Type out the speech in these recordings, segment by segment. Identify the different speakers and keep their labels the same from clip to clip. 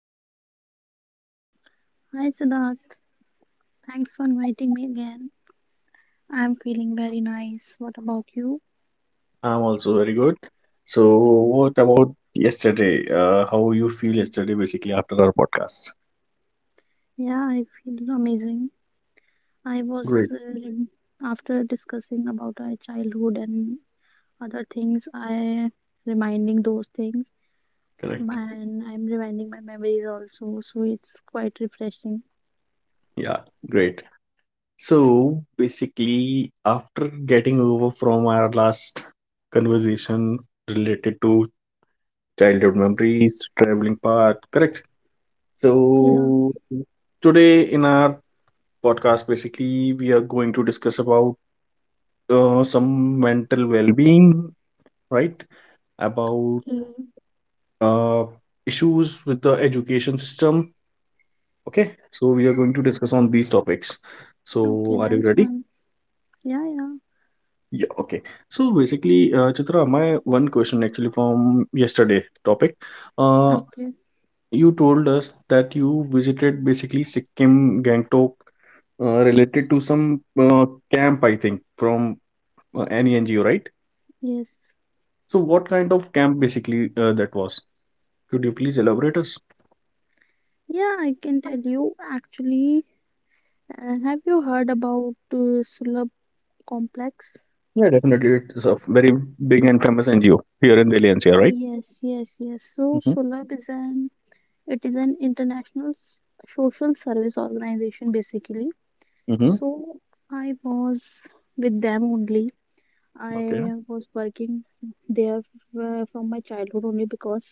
Speaker 1: today?
Speaker 2: Hi Siddharth, thanks for inviting me again. I'm feeling very nice. What about you?
Speaker 1: I'm also very good. So, what about yesterday? How you feel yesterday, basically, after our podcast?
Speaker 2: Yeah, I feel amazing. I was
Speaker 1: Great.
Speaker 2: after discussing about our childhood and other things, I reminding those things
Speaker 1: Correct.
Speaker 2: and I'm reminding my memories also, so it's quite refreshing.
Speaker 1: Yeah, great. So, basically, after getting over from our last conversation related to childhood memories, traveling part, correct?
Speaker 2: Yeah.
Speaker 1: So, today in our podcast, basically, we are going to discuss about some mental well-being, right, about
Speaker 2: Okay.
Speaker 1: uh, issues with the education system. Okay, so we are going to
Speaker 2: Okay.
Speaker 1: discuss on these topics.
Speaker 2: Okay,
Speaker 1: So are you
Speaker 2: nice
Speaker 1: ready?
Speaker 2: one. Yeah, yeah.
Speaker 1: Yeah, okay. So basically, Chitra, my one question actually from yesterday topic, uh,
Speaker 2: Okay.
Speaker 1: you told us that you visited basically Sikkim, Gangtok, related to some camp, I think, from any NGO, right?
Speaker 2: Yes.
Speaker 1: So what kind of camp basically that was? Could you please elaborate us?
Speaker 2: Yeah, I can tell you actually. Have you heard about Sulabh complex.
Speaker 1: Yeah, definitely. It's a very big and famous NGO here in Delhi NCR, right?
Speaker 2: Yes, yes, yes. So
Speaker 1: Mm-hmm.
Speaker 2: SOLAB is an it is an international social service organization basically.
Speaker 1: Mm-hmm.
Speaker 2: So I was with them only. I
Speaker 1: Okay.
Speaker 2: was working there from my childhood only because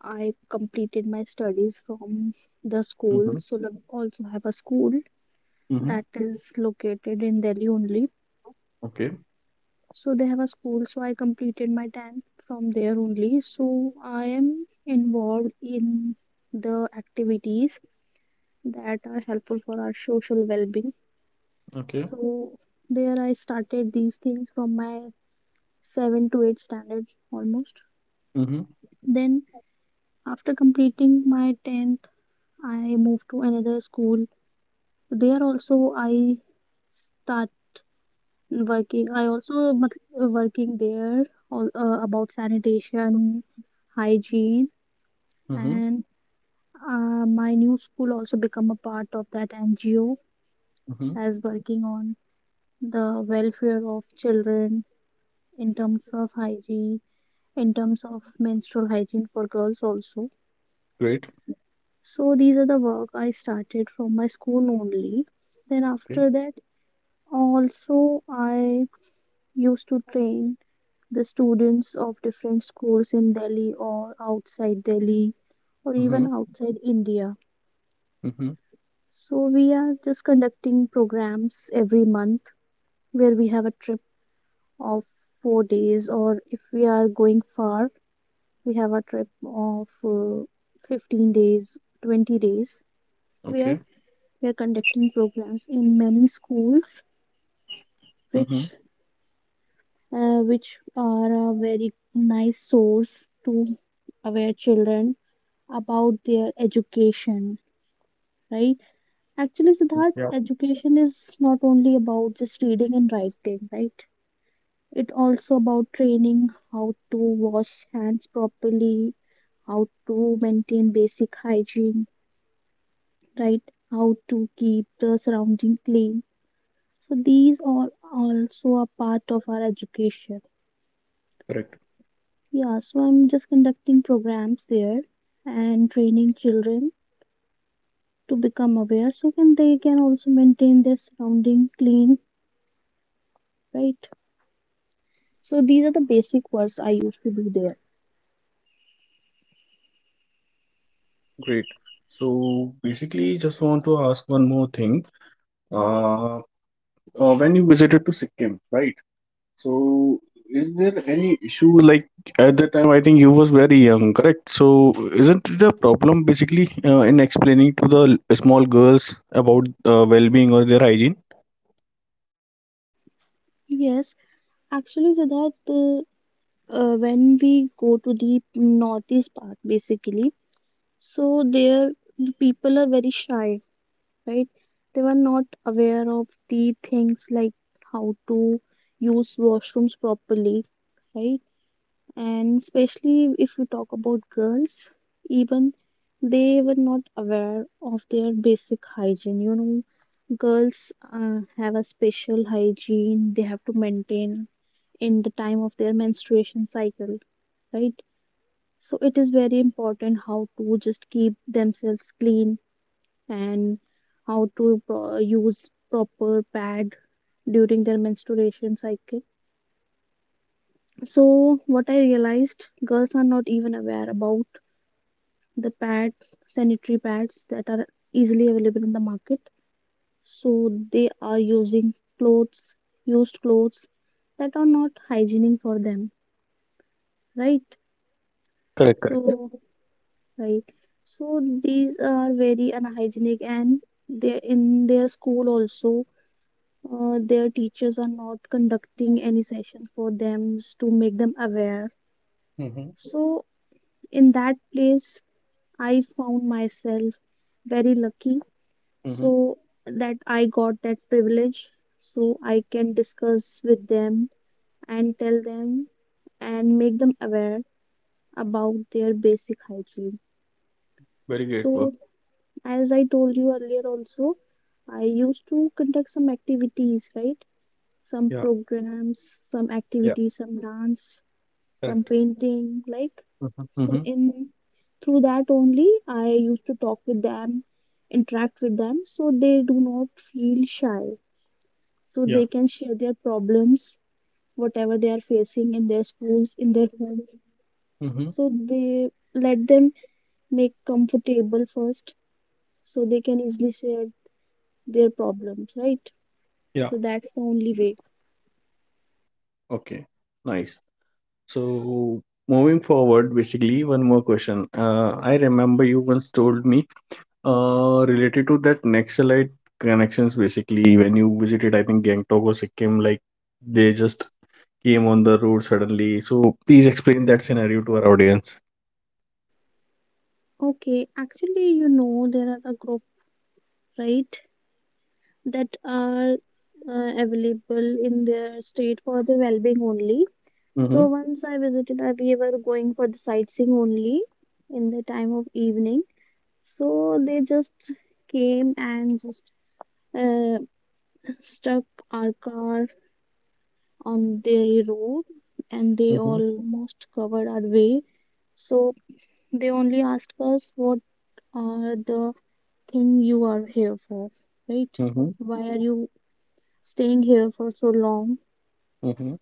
Speaker 2: I completed my studies from the school.
Speaker 1: Mm-hmm.
Speaker 2: SOLAB also have a school
Speaker 1: Mm-hmm.
Speaker 2: that is located in Delhi only.
Speaker 1: Okay.
Speaker 2: So they have a school. So I completed my 10th from there only. So I am involved in the activities that are helpful for our social well-being.
Speaker 1: Okay.
Speaker 2: So there I started these things from my 7 to 8 standard almost.
Speaker 1: Mm-hmm.
Speaker 2: Then after completing my 10th, I moved to another school. There also I start working, I also मतलब working there all, about sanitation, hygiene,
Speaker 1: Mm-hmm.
Speaker 2: and my new school also become a part of that NGO
Speaker 1: Mm-hmm.
Speaker 2: as working on the welfare of children in terms of hygiene, in terms of menstrual hygiene for girls also.
Speaker 1: Great.
Speaker 2: So these are the work I started from my school only. Then
Speaker 1: Okay.
Speaker 2: after that, also I used to train the students of different schools in Delhi or outside Delhi or
Speaker 1: Mm-hmm.
Speaker 2: even outside India.
Speaker 1: Mm-hmm.
Speaker 2: So we are just conducting programs every month where we have a trip of 4 days, or if we are going far, we have a trip of 15 days, 20 days, where
Speaker 1: Okay.
Speaker 2: we are conducting programs in many schools
Speaker 1: Mm-hmm.
Speaker 2: which which are a very nice source to aware children about their education, right? Actually, Siddharth,
Speaker 1: Yeah.
Speaker 2: education is not only about just reading and writing, right? It also about training how to wash hands properly, how to maintain basic hygiene, right? How to keep the surrounding clean. So these are also a part of our education.
Speaker 1: Correct.
Speaker 2: Yeah, so I'm just conducting programs there and training children to become aware so can they can also maintain their surrounding clean, right? So these are the basic words I used to do there.
Speaker 1: Great. So basically, just want to ask one more thing. Uh, when you visited to Sikkim, right? So, is there any issue like at that time? I think you was very young, correct? So, isn't it a problem basically in explaining to the small girls about well-being or their hygiene?
Speaker 2: Yes, actually, Siddharth, when we go to the northeast part, basically, so there the people are very shy, right? They were not aware of the things like how to use washrooms properly, right? And especially if we talk about girls, even they were not aware of their basic hygiene, you know, girls have a special hygiene they have to maintain in the time of their menstruation cycle, right? So it is very important how to just keep themselves clean and how to use proper pad during their menstruation cycle. So what I realized, girls are not even aware about the pad, sanitary pads that are easily available in the market. So they are using clothes, used clothes that are not hygienic for them, right?
Speaker 1: Correct, correct.
Speaker 2: So right. So these are very unhygienic and they in their school also their teachers are not conducting any sessions for them to make them aware.
Speaker 1: Mm-hmm.
Speaker 2: So in that place I found myself very lucky,
Speaker 1: Mm-hmm.
Speaker 2: so that I got that privilege so I can discuss with them and tell them and make them aware about their basic hygiene.
Speaker 1: Very great work.
Speaker 2: So as I told you earlier also, I used to conduct some activities, right? Some
Speaker 1: Yeah,
Speaker 2: programs, some
Speaker 1: yeah,
Speaker 2: activities, some dance, some
Speaker 1: correct.
Speaker 2: painting like.
Speaker 1: Mm-hmm. Mm-hmm.
Speaker 2: So in through that only I used to talk with them, interact with them so they do not feel shy. So
Speaker 1: Yeah.
Speaker 2: they can share their problems, whatever they are facing in their schools, in their home.
Speaker 1: Mm-hmm.
Speaker 2: So they let them make comfortable first so they can easily share their problems, right?
Speaker 1: Yeah.
Speaker 2: So that's the only way.
Speaker 1: Okay. Nice. So, moving forward, basically, one more question. I remember you once told me related to that Naxalite connections, basically, when you visited, I think Gangtok or Sikkim, like they just came on the road suddenly. So please explain that scenario to our audience.
Speaker 2: Okay, actually, you know, there is a group, right? That are available in their state for the well-being only.
Speaker 1: Mm-hmm.
Speaker 2: So once I visited, I we were going for the sightseeing only in the time of evening. So they just came and just uh, stuck our car on the road, and they
Speaker 1: Mm-hmm.
Speaker 2: almost covered our way. So they only asked us what are the thing you are here for, right?
Speaker 1: Mm-hmm.
Speaker 2: Why are you staying here for so long.
Speaker 1: Mm-hmm.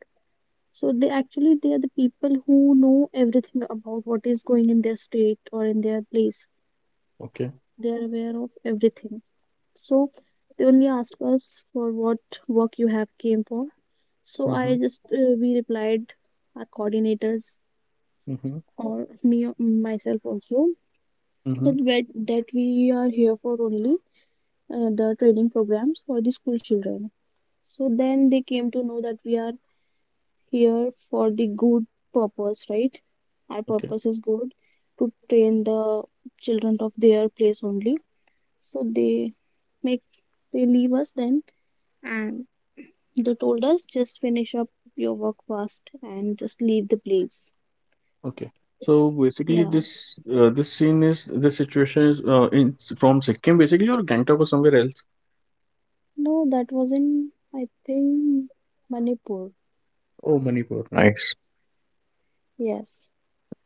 Speaker 2: So they actually they are the people who know everything about what is going in their state or in their place.
Speaker 1: Okay.
Speaker 2: They are aware of everything. So they only asked us for what work you have came for. So I
Speaker 1: Mm-hmm.
Speaker 2: just we replied, our coordinators
Speaker 1: Mm-hmm.
Speaker 2: or me myself also,
Speaker 1: Mm-hmm.
Speaker 2: that we are here for only the training programs for the school children. So then they came to know that we are here for the good purpose, right? Our
Speaker 1: Okay.
Speaker 2: purpose is good to train the children of their place only. So they make they leave us then and they told us just finish up your work fast and just leave the place.
Speaker 1: Okay. So basically,
Speaker 2: Yeah.
Speaker 1: this scene is this situation is in from Sikkim, basically, or Gangtok or somewhere else.
Speaker 2: No, that was in, I think, Manipur.
Speaker 1: Oh, Manipur. Nice.
Speaker 2: Yes.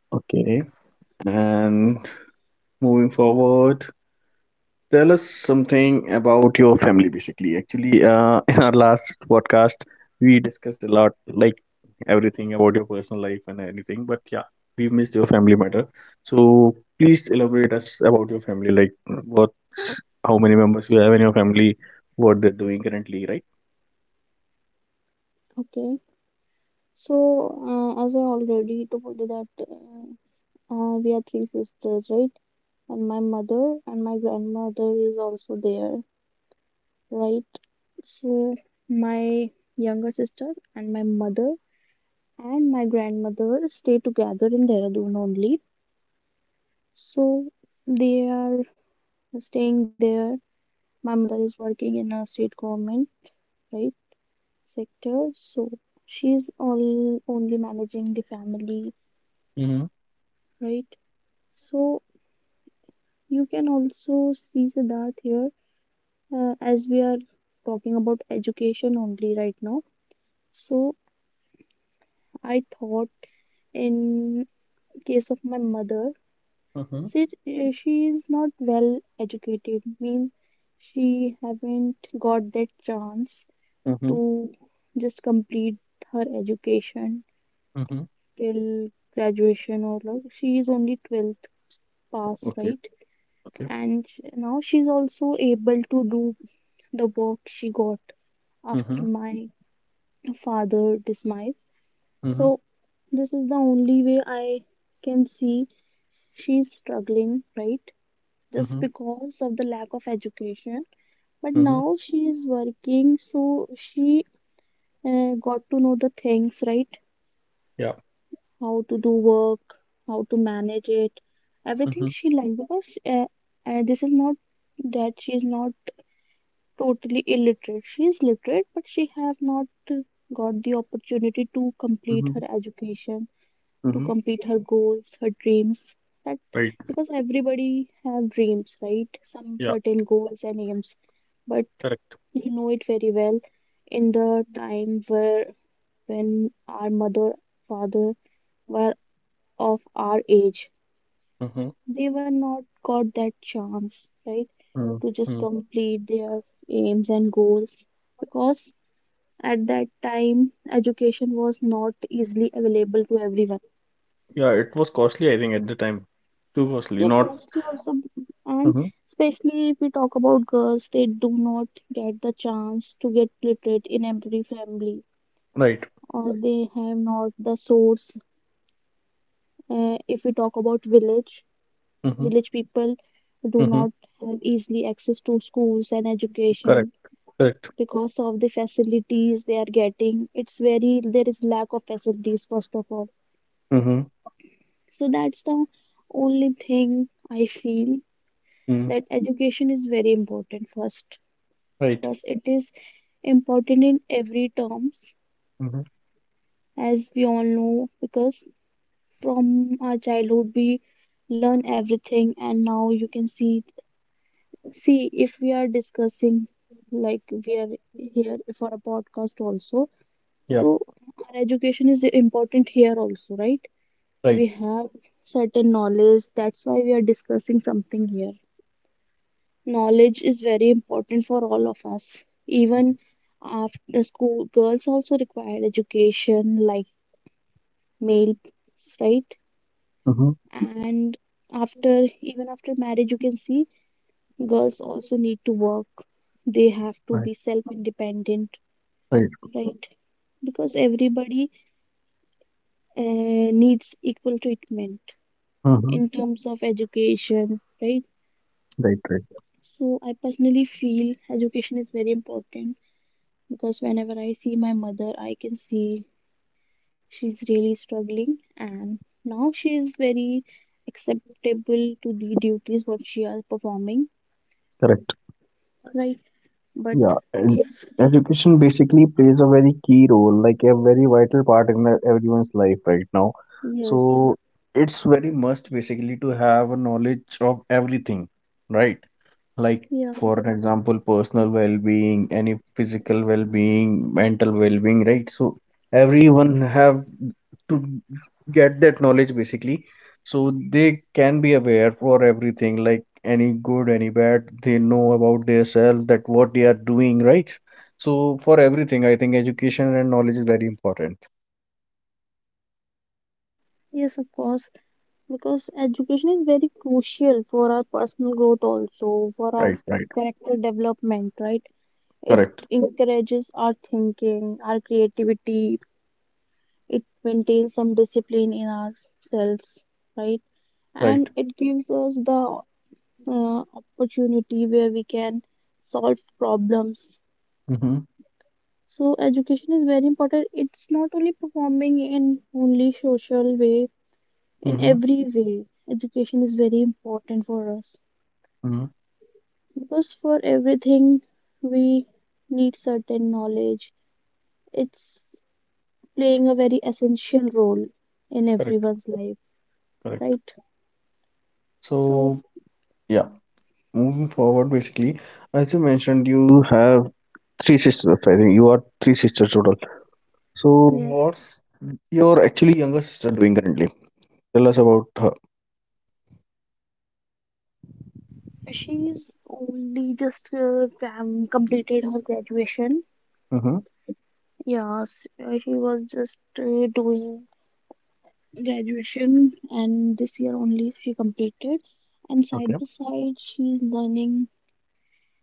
Speaker 1: Okay. And moving forward, tell us something about your family basically actually in our last podcast we discussed a lot, like everything about your personal life and anything. But yeah, we missed your family matter, so please elaborate us about your family, like what, how many members you have in your family, what they're doing currently, right?
Speaker 2: Okay. So as I already told you that. We are three sisters, right? And my mother and my grandmother is also there, right? So my younger sister and my mother and my grandmother stay together in Dehradun only. So they are staying there. My mother is working in a state government, right, sector. So she's all only managing the family,
Speaker 1: Mm-hmm.
Speaker 2: right? So you can also see Siddharth here. As we are talking about education only right now. So I thought in case of my mother,
Speaker 1: Mm-hmm.
Speaker 2: she, she is not well educated, means she haven't got that chance
Speaker 1: Mm-hmm.
Speaker 2: to just complete her education
Speaker 1: Mm-hmm.
Speaker 2: till graduation or like she is only 12th pass,
Speaker 1: Okay.
Speaker 2: right?
Speaker 1: Okay.
Speaker 2: And now she's also able to do the work she got after
Speaker 1: Mm-hmm.
Speaker 2: my father demise.
Speaker 1: Mm-hmm.
Speaker 2: So this is the only way I can see she's struggling, right? Just
Speaker 1: Mm-hmm.
Speaker 2: because of the lack of education. But
Speaker 1: Mm-hmm.
Speaker 2: now she is working, so she got to know the things, right?
Speaker 1: Yeah.
Speaker 2: How to do work, how to manage it, everything
Speaker 1: Mm-hmm.
Speaker 2: she likes. Because this is not that she is not totally illiterate. She is literate, but she have not got the opportunity to complete
Speaker 1: Mm-hmm.
Speaker 2: her education to
Speaker 1: Mm-hmm.
Speaker 2: complete her goals, her dreams. That
Speaker 1: Right.
Speaker 2: because everybody have dreams, right? Some
Speaker 1: Yeah.
Speaker 2: certain goals and aims, but
Speaker 1: Correct.
Speaker 2: you know it very well. In the time where when our mother, father were of our age,
Speaker 1: Mm-hmm.
Speaker 2: they were not got that chance, right? To just
Speaker 1: Mm-hmm.
Speaker 2: complete their aims and goals because at that time education was not easily available to everyone.
Speaker 1: Yeah, it was costly, I think, at the time. Too costly,
Speaker 2: Yeah,
Speaker 1: not.
Speaker 2: costly also. And
Speaker 1: Mhm.
Speaker 2: especially if we talk about girls, they do not get the chance to get literate in every family
Speaker 1: Right.
Speaker 2: or right, they have not the source. If we talk about village,
Speaker 1: Hmm.
Speaker 2: village people do
Speaker 1: Hmm.
Speaker 2: not have easily access to schools and education
Speaker 1: Correct. Correct.
Speaker 2: because of the facilities they are getting, it's very, there is lack of facilities first of all.
Speaker 1: Hmm.
Speaker 2: So that's the only thing I feel that
Speaker 1: Mm.
Speaker 2: education is very important first,
Speaker 1: Right.
Speaker 2: because it is important in every terms,
Speaker 1: Hmm.
Speaker 2: as we all know, because from our childhood we learn everything, and now you can see, see, if we are discussing, like we are here for a podcast also,
Speaker 1: Yeah.
Speaker 2: so our education is important here also, right? We
Speaker 1: Right.
Speaker 2: have certain knowledge, that's why we are discussing something here. Knowledge is very important for all of us. Even after school, girls also require education like males, right?
Speaker 1: Hmm.
Speaker 2: And after, even after marriage, you can see girls also need to work. They have to
Speaker 1: Right.
Speaker 2: be self-independent,
Speaker 1: Right.
Speaker 2: right? Because everybody uh, needs equal treatment
Speaker 1: Hmm.
Speaker 2: in terms of education, right?
Speaker 1: Right. Right.
Speaker 2: So I personally feel education is very important because whenever I see my mother, I can see she's really struggling, and now she is very acceptable to the duties what she are performing,
Speaker 1: Correct.
Speaker 2: right? But
Speaker 1: Yeah, and
Speaker 2: if
Speaker 1: education basically plays a very key role, like a very vital part in everyone's life right now. So
Speaker 2: Yes,
Speaker 1: it's very must basically to have a knowledge of everything, right? Like
Speaker 2: yeah,
Speaker 1: for an example, personal well-being, any physical well-being, mental well-being, right? So everyone have to get that knowledge basically so they can be aware for everything, like any good, any bad, they know about themselves that what they are doing, right? So for everything I think education and knowledge is very important.
Speaker 2: yes, of course, because education is very crucial for our personal growth, also for our
Speaker 1: Right. Right.
Speaker 2: character development, right? It
Speaker 1: Correct.
Speaker 2: encourages our thinking, our creativity, it maintains some discipline in ourselves, right? And
Speaker 1: Right.
Speaker 2: it gives us the opportunity where we can solve problems.
Speaker 1: Mm-hmm.
Speaker 2: So education is very important, it's not only performing in only social way, in
Speaker 1: Mm-hmm.
Speaker 2: every way education is very important for us
Speaker 1: Mm-hmm.
Speaker 2: because for everything we need certain knowledge. It's playing a very essential role in
Speaker 1: Correct.
Speaker 2: everyone's life,
Speaker 1: Correct.
Speaker 2: right? So
Speaker 1: So yeah, moving forward, basically, as you mentioned, you have three sisters. I think you are three sisters total. So,
Speaker 2: yes,
Speaker 1: what's your actually younger sister doing currently? Tell us about her.
Speaker 2: she's only just completed her graduation.
Speaker 1: Mm-hmm.
Speaker 2: Yes, she was just doing graduation, and this year only she completed. And
Speaker 1: Okay.
Speaker 2: side by side, she's learning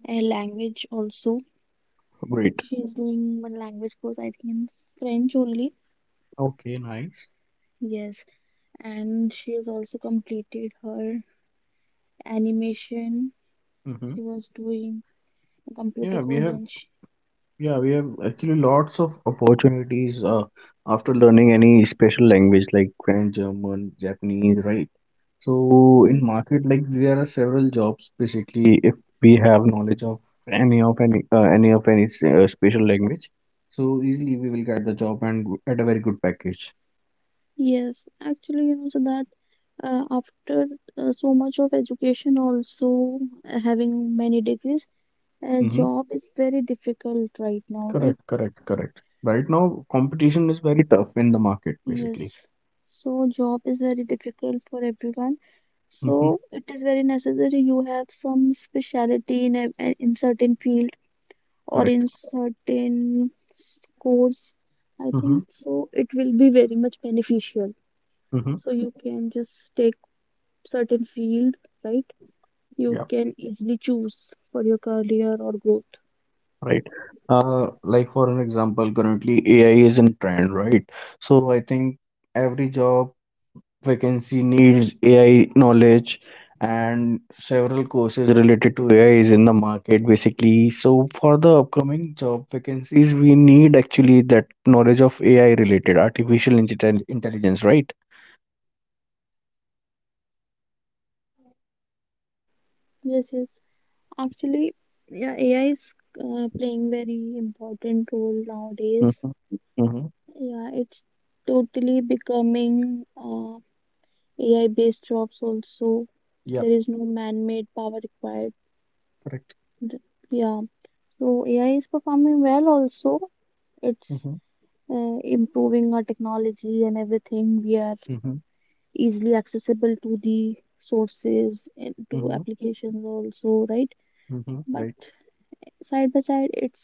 Speaker 2: a language also.
Speaker 1: Great.
Speaker 2: She's doing one language course, I think, in French only.
Speaker 1: Okay. Nice.
Speaker 2: Yes, and she has also completed her animation.
Speaker 1: Mm-hmm.
Speaker 2: She was doing a computer
Speaker 1: Yeah, we
Speaker 2: course,
Speaker 1: have.
Speaker 2: then she,
Speaker 1: Yeah, we have actually lots of opportunities after learning any special language like French, German, Japanese, right? So in
Speaker 2: yes.
Speaker 1: market, like there are several jobs. Basically, if we have knowledge of any special language, so easily we will get the job and at a very good package.
Speaker 2: Yes, actually, you know, so that after so much of education, also having many degrees, a
Speaker 1: Mm-hmm.
Speaker 2: job is very difficult right now, right?
Speaker 1: Correct, correct, correct. Right now, competition is very tough in the market, basically.
Speaker 2: Yes. So job is very difficult for everyone.
Speaker 1: Mm-hmm.
Speaker 2: So it is very necessary you have some specialty in in certain field or
Speaker 1: Correct.
Speaker 2: in certain course. I
Speaker 1: Mm-hmm.
Speaker 2: think so it will be very much beneficial.
Speaker 1: Mm-hmm.
Speaker 2: So you can just take certain field, right? You
Speaker 1: Yeah.
Speaker 2: can easily choose for your career or growth.
Speaker 1: Right. Like for an example, currently AI is in trend, right? So I think every job vacancy needs AI knowledge and several courses related to AI is in the market basically. So for the upcoming job vacancies, we need actually that knowledge of AI related artificial intelligence, right?
Speaker 2: Yes, yes. Actually, yeah, AI is playing very important role nowadays.
Speaker 1: Mm-hmm. Mm-hmm.
Speaker 2: Yeah, it's totally becoming AI-based jobs also.
Speaker 1: Yeah,
Speaker 2: There is no man-made power required.
Speaker 1: correct.
Speaker 2: Th- Yeah, so AI is performing well also. It's
Speaker 1: Mm-hmm.
Speaker 2: improving our technology and everything. We are
Speaker 1: Mm-hmm.
Speaker 2: easily accessible to the sources and to
Speaker 1: Mm-hmm.
Speaker 2: applications also, right?
Speaker 1: Mm-hmm.
Speaker 2: But
Speaker 1: Right.
Speaker 2: side by side it's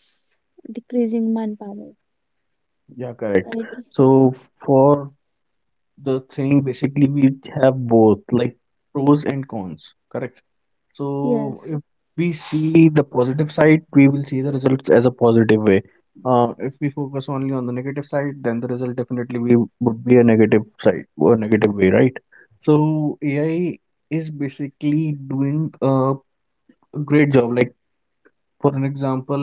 Speaker 2: decreasing manpower,
Speaker 1: Yeah, correct.
Speaker 2: right?
Speaker 1: So for the thing basically we have both, like pros and cons, correct? So
Speaker 2: Yes,
Speaker 1: if we see the positive side we will see the results as a positive way. If we focus only on the negative side, then the result definitely we would be a negative side or negative way, right? So AI is basically doing a great job, like for an example,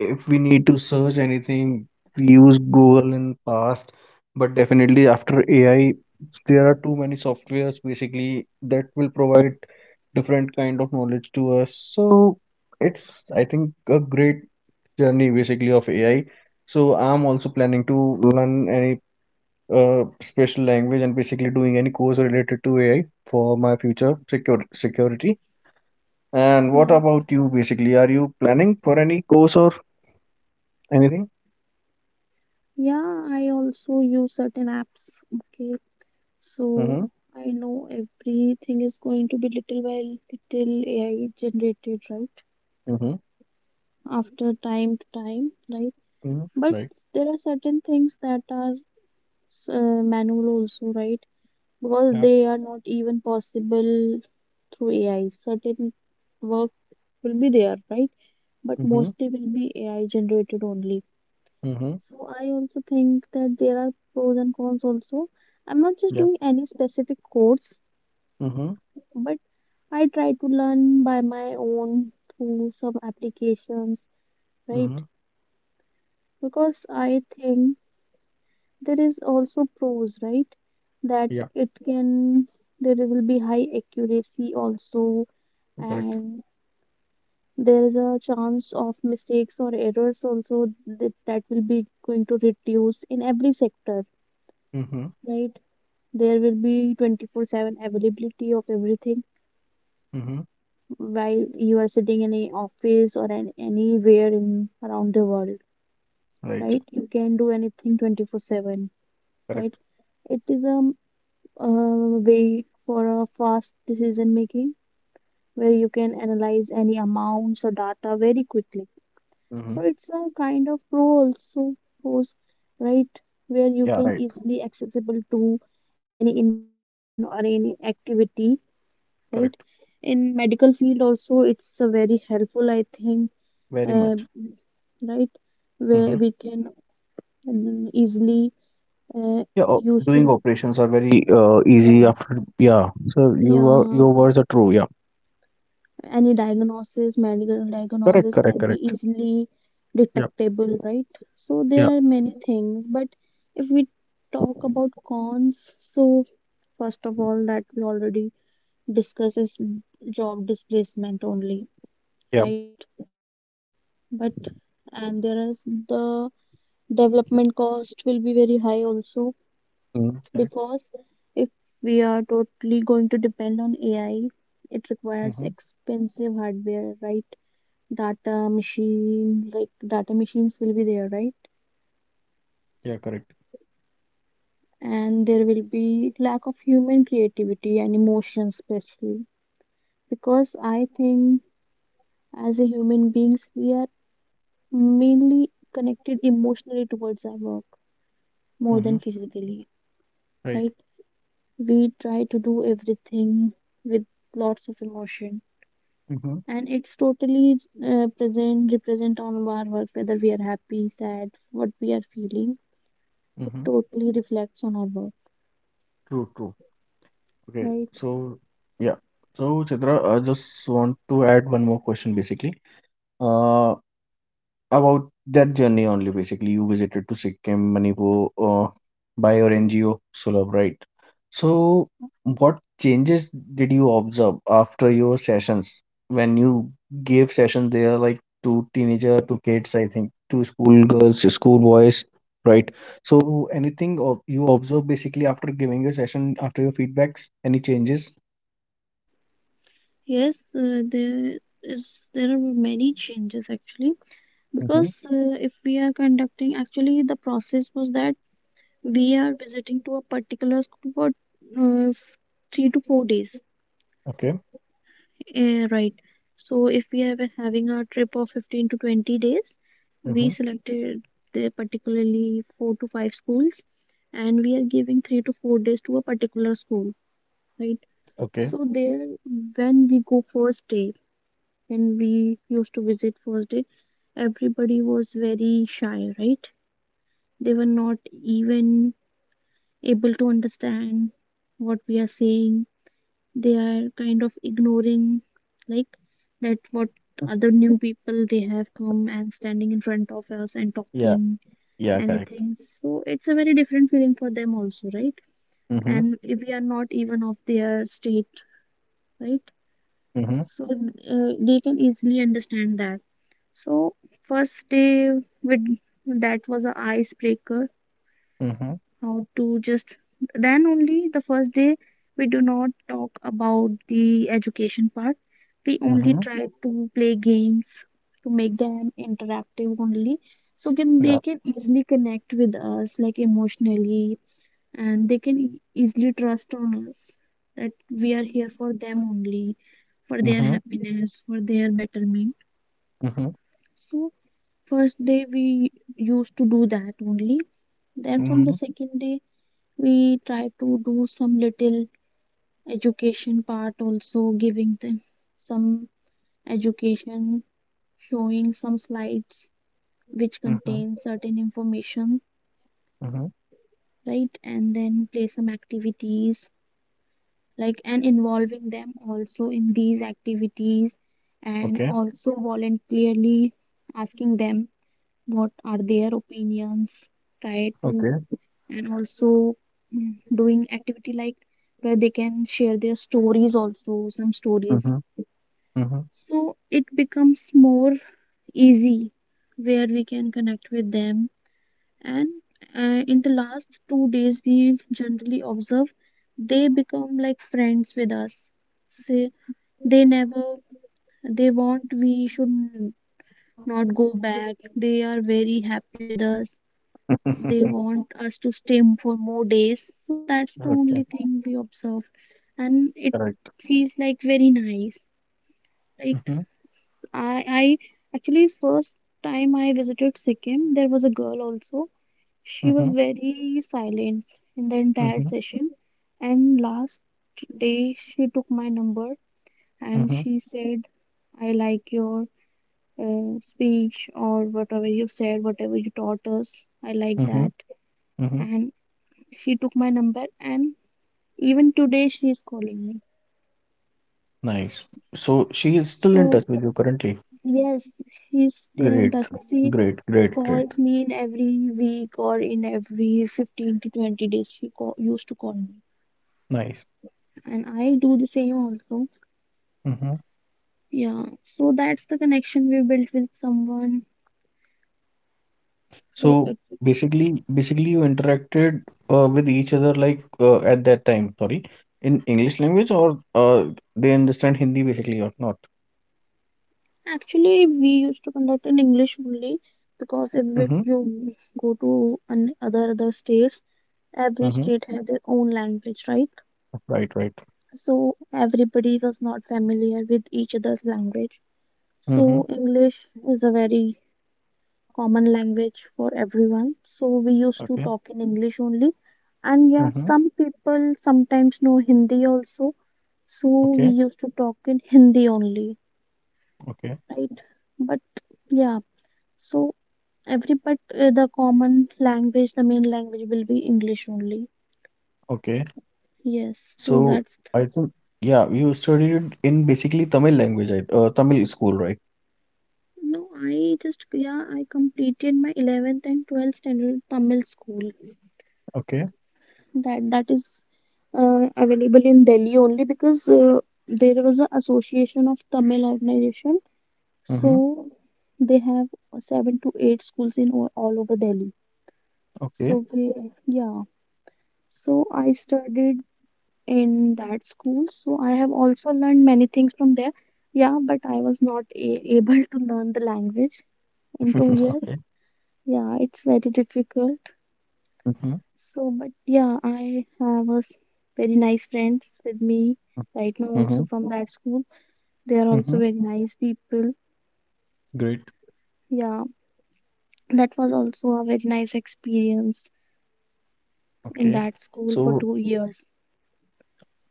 Speaker 1: if we need to search anything we use Google in past. But definitely after AI there are too many softwares basically that will provide different kind of knowledge to us. So it's, I think, a great journey basically of AI. So I'm also planning to learn any special language and basically doing any course related to AI for my future secure security. And what
Speaker 2: yeah,
Speaker 1: about you basically? Are you planning for any course or anything?
Speaker 2: yeah, I also use certain apps. Okay, so
Speaker 1: Hmm.
Speaker 2: I know everything is going to be little by little AI-generated, right?
Speaker 1: Mhm.
Speaker 2: After time to time, right?
Speaker 1: Mhm.
Speaker 2: But
Speaker 1: Right?
Speaker 2: there are certain things that are manual also, right? Because
Speaker 1: Yeah.
Speaker 2: they are not even possible through AI. Certain work will be there, right? But
Speaker 1: Mhm.
Speaker 2: mostly will be AI-generated only.
Speaker 1: Mhm.
Speaker 2: So I also think that there are pros and cons also. I'm not just
Speaker 1: Yeah.
Speaker 2: doing any specific course,
Speaker 1: Mhm.
Speaker 2: but I try to learn by my own through some applications,
Speaker 1: Mhm.
Speaker 2: right? Because I think there is also pros, right? That
Speaker 1: Yeah,
Speaker 2: it can, there will be high accuracy also,
Speaker 1: correct.
Speaker 2: and there is a chance of mistakes or errors also that, will be going to reduce in every sector,
Speaker 1: Mhm.
Speaker 2: right? There will be 24/7 availability of everything
Speaker 1: Mhm.
Speaker 2: while you are sitting in a office or anywhere in around the world,
Speaker 1: Right,
Speaker 2: right? You can do anything 24/7, right?
Speaker 1: correct.
Speaker 2: It is a way for a fast decision making, where you can analyze any amounts or data very quickly.
Speaker 1: Mhm.
Speaker 2: So it's a kind of pro also force, right? Where you
Speaker 1: Yeah,
Speaker 2: can
Speaker 1: right.
Speaker 2: easily accessible to any information or any activity, right?
Speaker 1: Correct.
Speaker 2: In medical field also it's a very helpful I think,
Speaker 1: Very
Speaker 2: uh,
Speaker 1: much.
Speaker 2: right? Where
Speaker 1: Mm-hmm.
Speaker 2: we can mm, easily, uh,
Speaker 1: Yeah,
Speaker 2: use
Speaker 1: doing
Speaker 2: to,
Speaker 1: operations are very easy
Speaker 2: yeah,
Speaker 1: after. Yeah. So you are,
Speaker 2: yeah,
Speaker 1: your words are true. Yeah.
Speaker 2: any diagnosis, medical
Speaker 1: Correct,
Speaker 2: diagnosis
Speaker 1: correct,
Speaker 2: can be
Speaker 1: correct.
Speaker 2: easily
Speaker 1: Yeah.
Speaker 2: detectable, right? So there
Speaker 1: Yeah.
Speaker 2: are many things, but if we talk about cons, so first of all that we already discuss is job displacement only,
Speaker 1: Yeah.
Speaker 2: right? But, and there is the development cost will be very high also,
Speaker 1: Mm-hmm. Correct.
Speaker 2: because if we are totally going to depend on AI, it requires
Speaker 1: Mm-hmm.
Speaker 2: expensive hardware, right? Data machine, like data machines will be there, right?
Speaker 1: Yeah, correct.
Speaker 2: And there will be lack of human creativity and emotion, especially because I think as a human beings, we are mainly connected emotionally towards our work more
Speaker 1: Mm-hmm.
Speaker 2: than physically,
Speaker 1: Right.
Speaker 2: right? We try to do everything with lots of emotion,
Speaker 1: Mm-hmm.
Speaker 2: and it's totally present represent all of our work, whether we are happy, sad, what we are feeling, it
Speaker 1: Mm-hmm.
Speaker 2: totally reflects on our work,
Speaker 1: True. True. Okay.
Speaker 2: right?
Speaker 1: So yeah. So Chitra, I just want to add one more question, basically. Uh, about that journey only, basically, you visited to Sikkim, Manipur, by your NGO, Sulabh, right? So, what changes did you observe after your sessions? When you gave sessions there, like to teenager, to kids, I think, to school girls, school boys, right? So, anything of you observe basically after giving your session, after your feedbacks, any changes?
Speaker 2: Yes, there is, there are many changes actually,
Speaker 1: Mm-hmm.
Speaker 2: because if we are conducting, actually the process was that we are visiting to a particular school for 3 to 4 days,
Speaker 1: Okay.
Speaker 2: eh, right. So if we are having a trip of 15 to 20 days, we
Speaker 1: Mm-hmm.
Speaker 2: selected the particularly four to five schools, and we are giving 3 to 4 days to a particular school, right?
Speaker 1: Okay.
Speaker 2: So there, when we go first day, when we used to visit first day, everybody was very shy, right? They were not even able to understand what we are saying. They are kind of ignoring, like, that what other new people they have come and standing in front of us and
Speaker 1: Yeah.
Speaker 2: talking
Speaker 1: Yeah. Correct.
Speaker 2: anything. So it's a very different feeling for them also, right?
Speaker 1: Mm-hmm.
Speaker 2: And if we are not even of their state, right?
Speaker 1: Mm-hmm.
Speaker 2: So they can easily understand that. So first day, with that was a icebreaker,
Speaker 1: Mm-hmm.
Speaker 2: how to just, then only the first day, we do not talk about the education part. We only
Speaker 1: Mhm.
Speaker 2: try to play games to make them interactive only, so can they
Speaker 1: Yeah.
Speaker 2: can easily connect with us, like, emotionally, and they can easily trust on us, that we are here for them only, for their
Speaker 1: Mhm.
Speaker 2: happiness, for their betterment.
Speaker 1: Mhm.
Speaker 2: So first day we used to do that only. Then from the
Speaker 1: Mhm.
Speaker 2: second day, we try to do some little education part also, giving them some education, showing some slides which
Speaker 1: Mhm.
Speaker 2: contain certain information,
Speaker 1: Mhm.
Speaker 2: right? And then play some activities like, and involving them also in these activities, and
Speaker 1: Okay.
Speaker 2: also voluntarily asking them what are their opinions, try to,
Speaker 1: Okay.
Speaker 2: and also mm, doing activity like where they can share their stories also, some stories.
Speaker 1: Mhm. Mhm.
Speaker 2: So it becomes more easy where we can connect with them. And in the last 2 days we generally observe they become like friends with us, say, they never, they want we should not go back, they are very happy with us. They want us to stay for more days. So that's the only
Speaker 1: Okay.
Speaker 2: thing we observed, and it
Speaker 1: Correct.
Speaker 2: feels like very nice. Like
Speaker 1: Mhm.
Speaker 2: I actually first time I visited Sikkim, there was a girl also. She was
Speaker 1: Mhm.
Speaker 2: very silent in the entire
Speaker 1: Mhm.
Speaker 2: session, and last day she took my number and
Speaker 1: Mhm.
Speaker 2: she said, "I like your speech or whatever you said, whatever you taught us. I like
Speaker 1: Mhm.
Speaker 2: that."
Speaker 1: Mhm.
Speaker 2: And she took my number, and even today she is calling me.
Speaker 1: Nice. So she is still in
Speaker 2: So
Speaker 1: touch with you currently.
Speaker 2: yes, she's still in
Speaker 1: Great.
Speaker 2: touch. She
Speaker 1: Great. Great. Great.
Speaker 2: calls me in every week or in every 15 to 20 days she call, used to call me,
Speaker 1: Nice.
Speaker 2: and I do the same also.
Speaker 1: Mhm.
Speaker 2: Yeah, so that's the connection we built with someone. So
Speaker 1: So
Speaker 2: it,
Speaker 1: basically you interacted with each other like at that time. Sorry, in English language or they understand Hindi basically or not?
Speaker 2: actually we used to conduct in English only, because if it, you go to other states, every
Speaker 1: Mm-hmm.
Speaker 2: state has their own language, right?
Speaker 1: Right, right.
Speaker 2: So everybody was not familiar with each other's language.
Speaker 1: Mm-hmm.
Speaker 2: So English is a very common language for everyone. So we used to
Speaker 1: Okay.
Speaker 2: talk in English only. And yeah,
Speaker 1: Mm-hmm.
Speaker 2: some people sometimes know Hindi also. So we
Speaker 1: Okay.
Speaker 2: used to talk in Hindi only,
Speaker 1: Okay.
Speaker 2: right? But yeah, so every but the common language, the main language will be English only.
Speaker 1: Okay.
Speaker 2: Yes, so
Speaker 1: So
Speaker 2: that's,
Speaker 1: I think yeah, you studied it in basically Tamil language, I Tamil school, right?
Speaker 2: no, I just, yeah, I completed my 11th and 12th standard Tamil school.
Speaker 1: Okay.
Speaker 2: That is available in Delhi only, because there was an association of Tamil organization.
Speaker 1: Mm-hmm.
Speaker 2: So they have 7 to 8 schools in all over Delhi.
Speaker 1: Okay.
Speaker 2: So we, yeah. So I studied in that school. So I have also learned many things from there. Yeah, but I was not able to learn the language in 2 years.
Speaker 1: Okay.
Speaker 2: Yeah, it's very difficult.
Speaker 1: Mm-hmm.
Speaker 2: So, but yeah, I have very nice friends with me right now,
Speaker 1: Mm-hmm.
Speaker 2: also from that school. They are
Speaker 1: Mm-hmm.
Speaker 2: also very nice people.
Speaker 1: Great.
Speaker 2: Yeah, that was also a very nice experience in
Speaker 1: Okay.
Speaker 2: that school for
Speaker 1: So
Speaker 2: 2 years.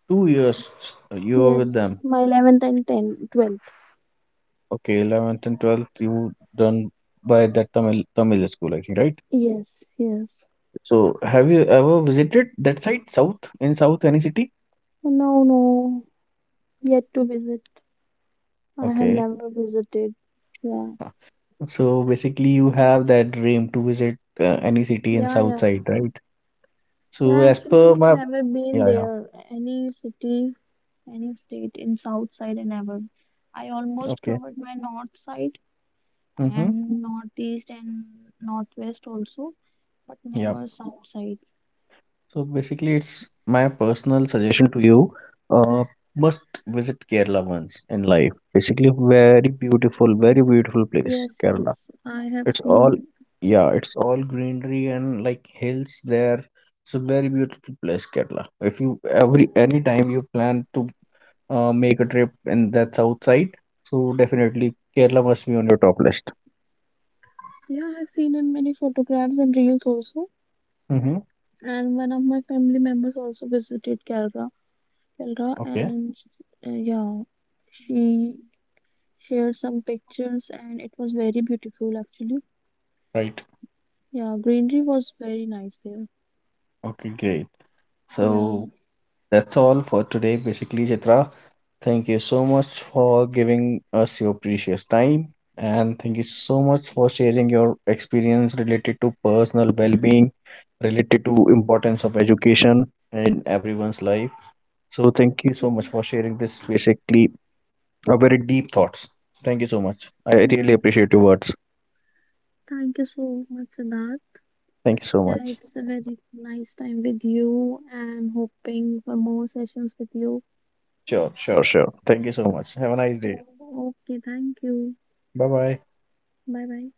Speaker 1: 2 years you were with
Speaker 2: Yes,
Speaker 1: them.
Speaker 2: my 11th and 10th, 12th.
Speaker 1: Okay, 11th and 12th you done by that Tamil school, I think, right?
Speaker 2: Yes, yes.
Speaker 1: So have you ever visited that side, south, in south, any city?
Speaker 2: No, no, yet to visit. I have
Speaker 1: Okay.
Speaker 2: never visited. Yeah,
Speaker 1: So basically, you have that dream to visit any city in
Speaker 2: yeah,
Speaker 1: south side,
Speaker 2: yeah.
Speaker 1: right? So
Speaker 2: Yeah,
Speaker 1: as
Speaker 2: actually, I
Speaker 1: per
Speaker 2: have
Speaker 1: my.
Speaker 2: never been
Speaker 1: Yeah, yeah,
Speaker 2: there. Any city, any state in south side, I never. I almost
Speaker 1: okay.
Speaker 2: covered my north side
Speaker 1: Mm-hmm.
Speaker 2: and northeast and northwest also, but
Speaker 1: Yeah.
Speaker 2: never south side.
Speaker 1: So basically, it's my personal suggestion to you. Uh, must visit Kerala once in life. Basically, very beautiful place,
Speaker 2: Yes,
Speaker 1: Kerala.
Speaker 2: yes, I have
Speaker 1: It's all
Speaker 2: seen.
Speaker 1: yeah, it's all greenery and like hills there. It's a very beautiful place, Kerala. If you every any time you plan to make a trip and that's outside. So definitely Kerala must be on your top list.
Speaker 2: Yeah, I have seen in many photographs and reels also.
Speaker 1: Mm-hmm.
Speaker 2: And one of my family members also visited Kerala, Kerala,
Speaker 1: Okay.
Speaker 2: and yeah, she shared some pictures, and it was very beautiful actually.
Speaker 1: Right.
Speaker 2: Yeah, greenery was very nice there.
Speaker 1: Okay, great.
Speaker 2: Yeah,
Speaker 1: So that's all for today, basically, Chitra. Thank you so much for giving us your precious time. And thank you so much for sharing your experience related to personal well-being, related to importance of education in everyone's life. So thank you so
Speaker 2: yeah,
Speaker 1: much for sharing this basically a very deep thoughts. Thank you so much. I really
Speaker 2: yeah.
Speaker 1: appreciate your words.
Speaker 2: Thank you so much, Siddharth.
Speaker 1: Thank you so
Speaker 2: Yeah,
Speaker 1: much.
Speaker 2: it's a very nice time with you and hoping for more sessions with you.
Speaker 1: Sure, sure, sure. Thank you so much. Have a nice
Speaker 2: Yeah.
Speaker 1: day.
Speaker 2: Okay, thank you.
Speaker 1: Bye bye.
Speaker 2: Bye bye.